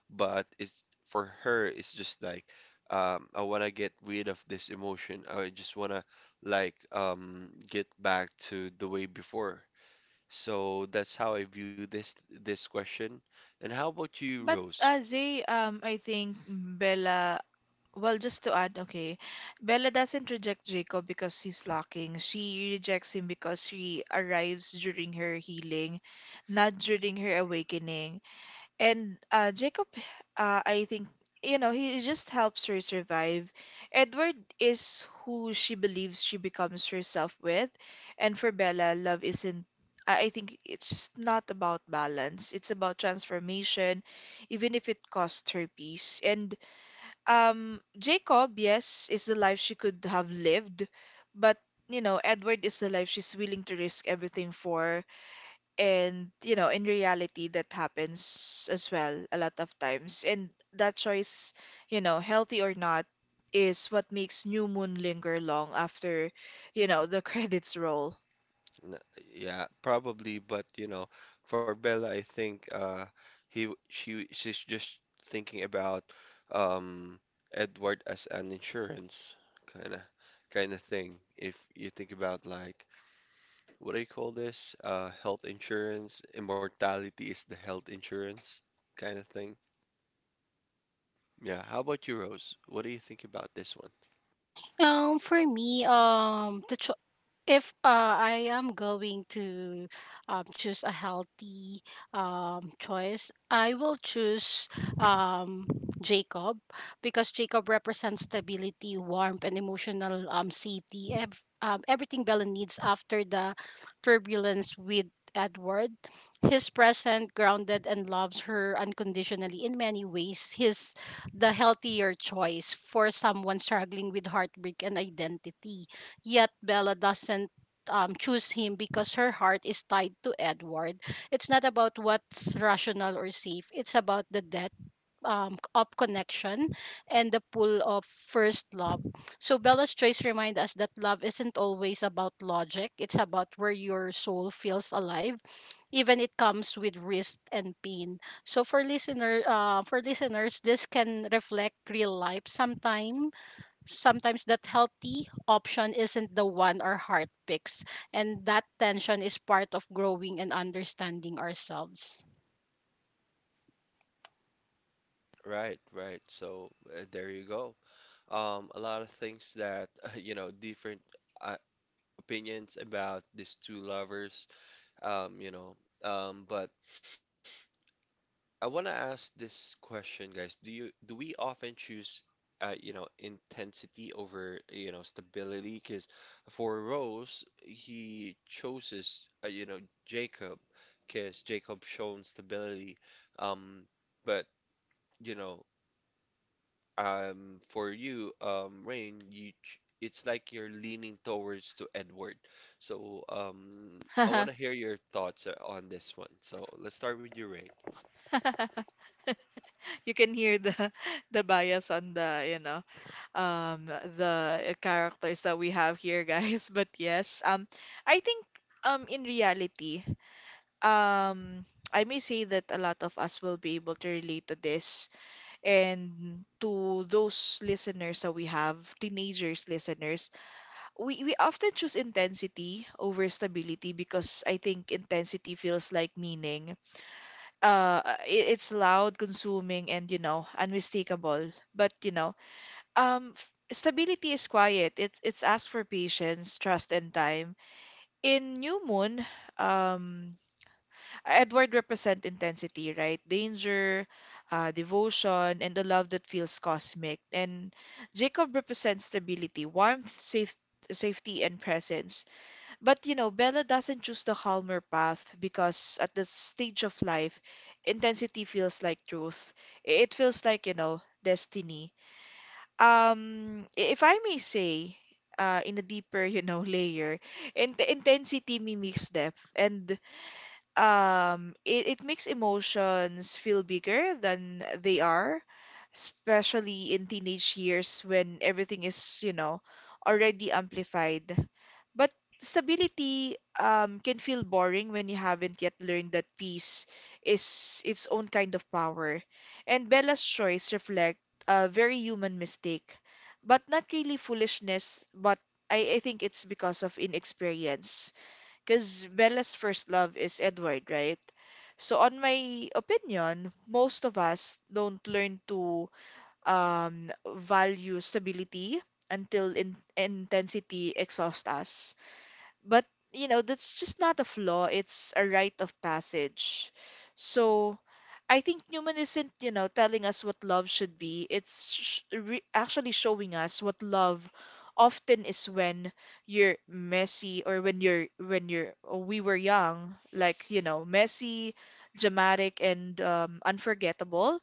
A: but it's for her it's just like, I want to get rid of this emotion. I just want to like get back to the way before. So that's how I view this this question. And how about you,
B: But
A: Rose?
B: Zay, I think well, just to add, okay, Bella doesn't reject Jacob because he's lacking. She rejects him because he arrives during her healing, not during her awakening. And Jacob, I think, he just helps her survive. Edward is who she believes she becomes herself with. And for Bella, love isn't, I think it's just not about balance. It's about transformation, even if it costs her peace. And Jacob, yes, is the life she could have lived, but, Edward is the life she's willing to risk everything for. And, in reality, that happens as well a lot of times. And that choice, healthy or not, is what makes new moon linger long after, the credits roll.
A: N- Yeah, probably, but you know, for Bella, I think she she's just thinking about um Edward as an insurance kind of kind of thing. If you think about like what do you call this? Health insurance. Immortality is the health insurance kind of thing. Yeah. How about you, Rose? What do you think about this one?
C: For me, if I am going to choose a healthy choice, I will choose um, Jacob, because Jacob represents stability, warmth, and emotional safety. Everything Bella needs after the turbulence with Edward. He's present, grounded, and loves her unconditionally in many ways. His the healthier choice for someone struggling with heartbreak and identity. Yet Bella doesn't choose him because her heart is tied to Edward. It's not about what's rational or safe, it's about the depth of connection and the pull of first love. So Bella's choice remind us that love isn't always about logic. It's about where your soul feels alive, even it comes with risk and pain. So for listener, for listeners, this can reflect real life. Sometimes, sometimes that healthy option isn't the one our heart picks, and that tension is part of growing and understanding ourselves.
A: Right, right. So there you go. A lot of things that you know, different uh, opinions about these two lovers. Um, you know, but I want to ask this question, guys. Do you, do we often choose intensity over, stability? Because for Rose, he chooses Jacob, because Jacob shown stability. Um, but you know, for you, Rain, you ch it's like you're leaning towards to Edward. So, I want to hear your thoughts on this one. So, let's start with you, Rain.
B: You can hear the the bias on the, um the characters that we have here, guys. But yes, I think in reality, um I may say that a lot of us will be able to relate to this and to those listeners that we have, teenagers listeners, we often choose intensity over stability because I think intensity feels like meaning. Uh, it's loud, consuming, and unmistakable. But stability is quiet. It's asked for patience, trust, and time. In New Moon, um, Edward represent intensity, right? Danger, devotion, and the love that feels cosmic. And Jacob represents stability, warmth, safety, and presence. But you know, Bella doesn't choose the calmer path because at that stage of life, intensity feels like truth. It feels like, you know, destiny. If I may say, in a deeper, you know, layer, intensity mimics depth, and it makes emotions feel bigger than they are, especially in teenage years when everything is, you know, already amplified. But stability can feel boring when you haven't yet learned that peace is its own kind of power. And Bella's choice reflect a very human mistake, but not really foolishness, but I think it's because of inexperience. Because Bella's first love is Edward, right? So, on my opinion, most of us don't learn to value stability until in intensity exhausts us. But, you know, that's just not a flaw, it's a rite of passage. So I think Newman isn't, you know, telling us what love should be. It's sh re actually showing us what love often is when you're messy or when we were young, like, you know, messy, dramatic and unforgettable.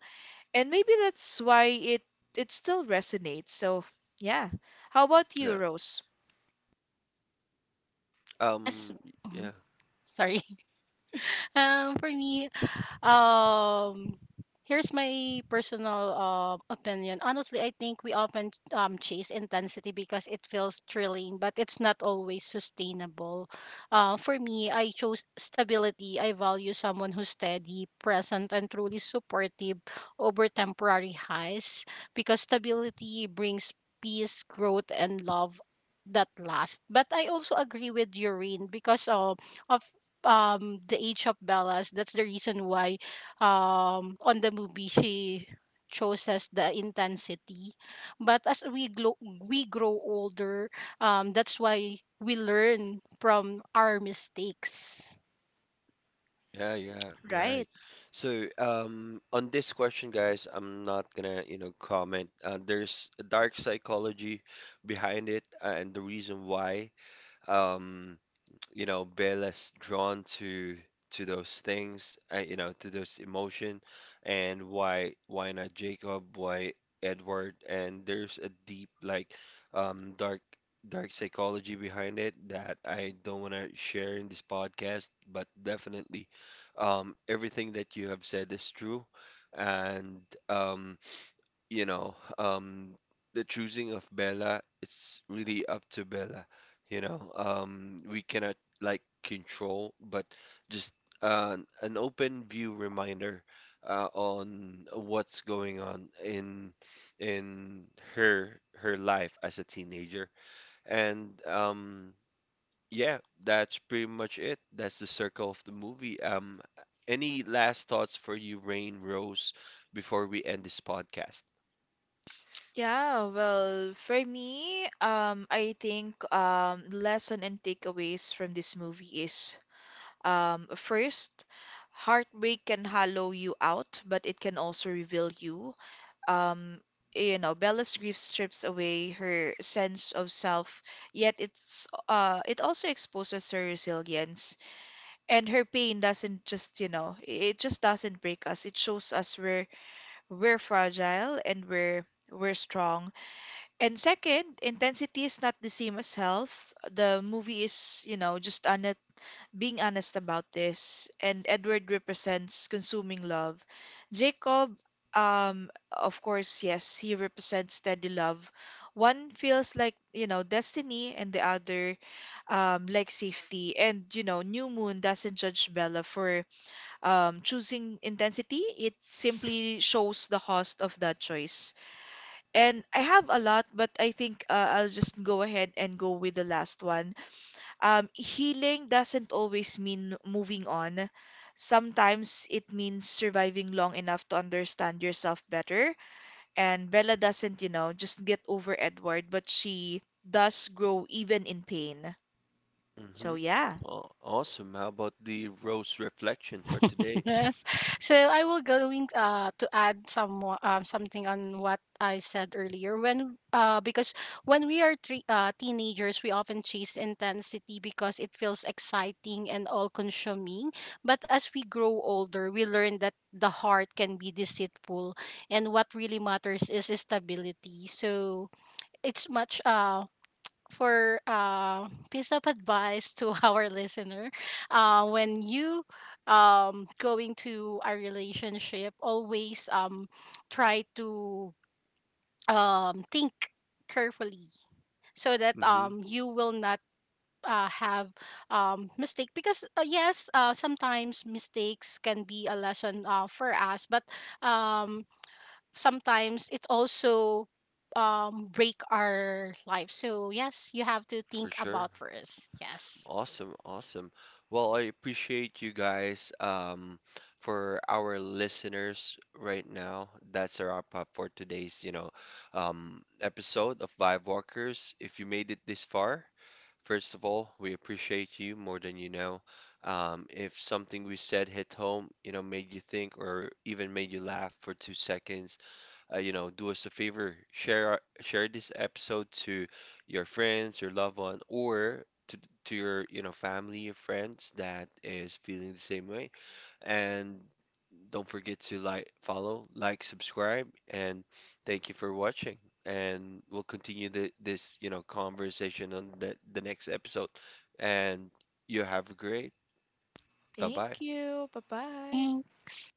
B: And maybe that's why it still resonates. So, yeah. How about you,
A: Yeah.
B: Rose?
C: Yes.
A: Um,
C: Mhm.
A: yeah,
C: Sorry. For me, um here's my personal opinion. Honestly, I think we often chase intensity because it feels thrilling, but it's not always sustainable. For me, I chose stability. I value someone who's steady, present and truly supportive over temporary highs, because stability brings peace, growth and love that last. But I also agree with Doreen because of the age of Bella's. That's the reason why on the movie she chooses the intensity. But as we we grow older, that's why we learn from our mistakes.
A: yeah, yeah,
B: Right.
A: right. So, on this question, guys, I'm not gonna, comment. There's a dark psychology behind it, and the reason why. Um, you know be less drawn to those things to those emotion, and why not Jacob, why Edward, and there's a deep like um dark dark psychology behind it that I don't want to share in this podcast, but definitely everything that you have said is true. And um you know, um, the choosing of Bella, it's really up to Bella, you know. We cannot like control, but just uh, an open view reminder on what's going on in her her life as a teenager. And yeah, that's pretty much it. That's the circle of the movie. Any last thoughts for you, Rain, Rose, before we end this podcast?
B: Yeah, well, for me, I think lesson and takeaways from this movie is first, heartbreak can hollow you out, but it can also reveal you. Um, you know, Bella's grief strips away her sense of self, yet it's it also exposes her resilience. And her pain doesn't just, you know, it just doesn't break us. It shows us we're fragile and we're strong and second, intensity is not the same as health. The movie is, you know, just honest, being honest about this. And Edward represents consuming love. Jacob, of course, yes, he represents steady love. One feels like, you know, destiny, and the other, like safety. And, you know, New Moon doesn't judge Bella for choosing intensity. It simply shows the cost of that choice. And I have a lot, but I think I'll just go ahead and go with the last one. Healing doesn't always mean moving on. Sometimes it means surviving long enough to understand yourself better. And Bella doesn't, you know, just get over Edward, but she does grow even in pain. So,
A: Mhm.
B: yeah.
A: Awesome. How about the rose reflection for today?
C: Yes. So I will going to add some more something on what I said earlier when because when we are teenagers we often chase intensity because it feels exciting and all consuming, but as we grow older we learn that the heart can be deceitful and what really matters is stability. So it's much for piece of advice to our listener, when you going to a relationship, always try to think carefully so that
A: Mm-hmm,
C: you will not have mistake. Because yes, sometimes mistakes can be a lesson for us, but um, sometimes it also break our life. So yes, you have to
A: for
C: think
A: sure.
C: about first. Yes,
A: Awesome, awesome. Well, I appreciate you guys. For our listeners right now, that's a wrap up for today's, episode of Vibe Walkers. If you made it this far, first of all, we appreciate you more than you know. If something we said hit home, you know, made you think or even made you laugh for 2 seconds, do us a favor, share this episode to your friends, your loved one, or to your, family or friends that is feeling the same way. And don't forget to like, follow, like, subscribe, and thank you for watching. And we'll continue this, conversation on the next episode. And you have a great. Bye bye.
B: Thank you. Bye bye.
C: thanks.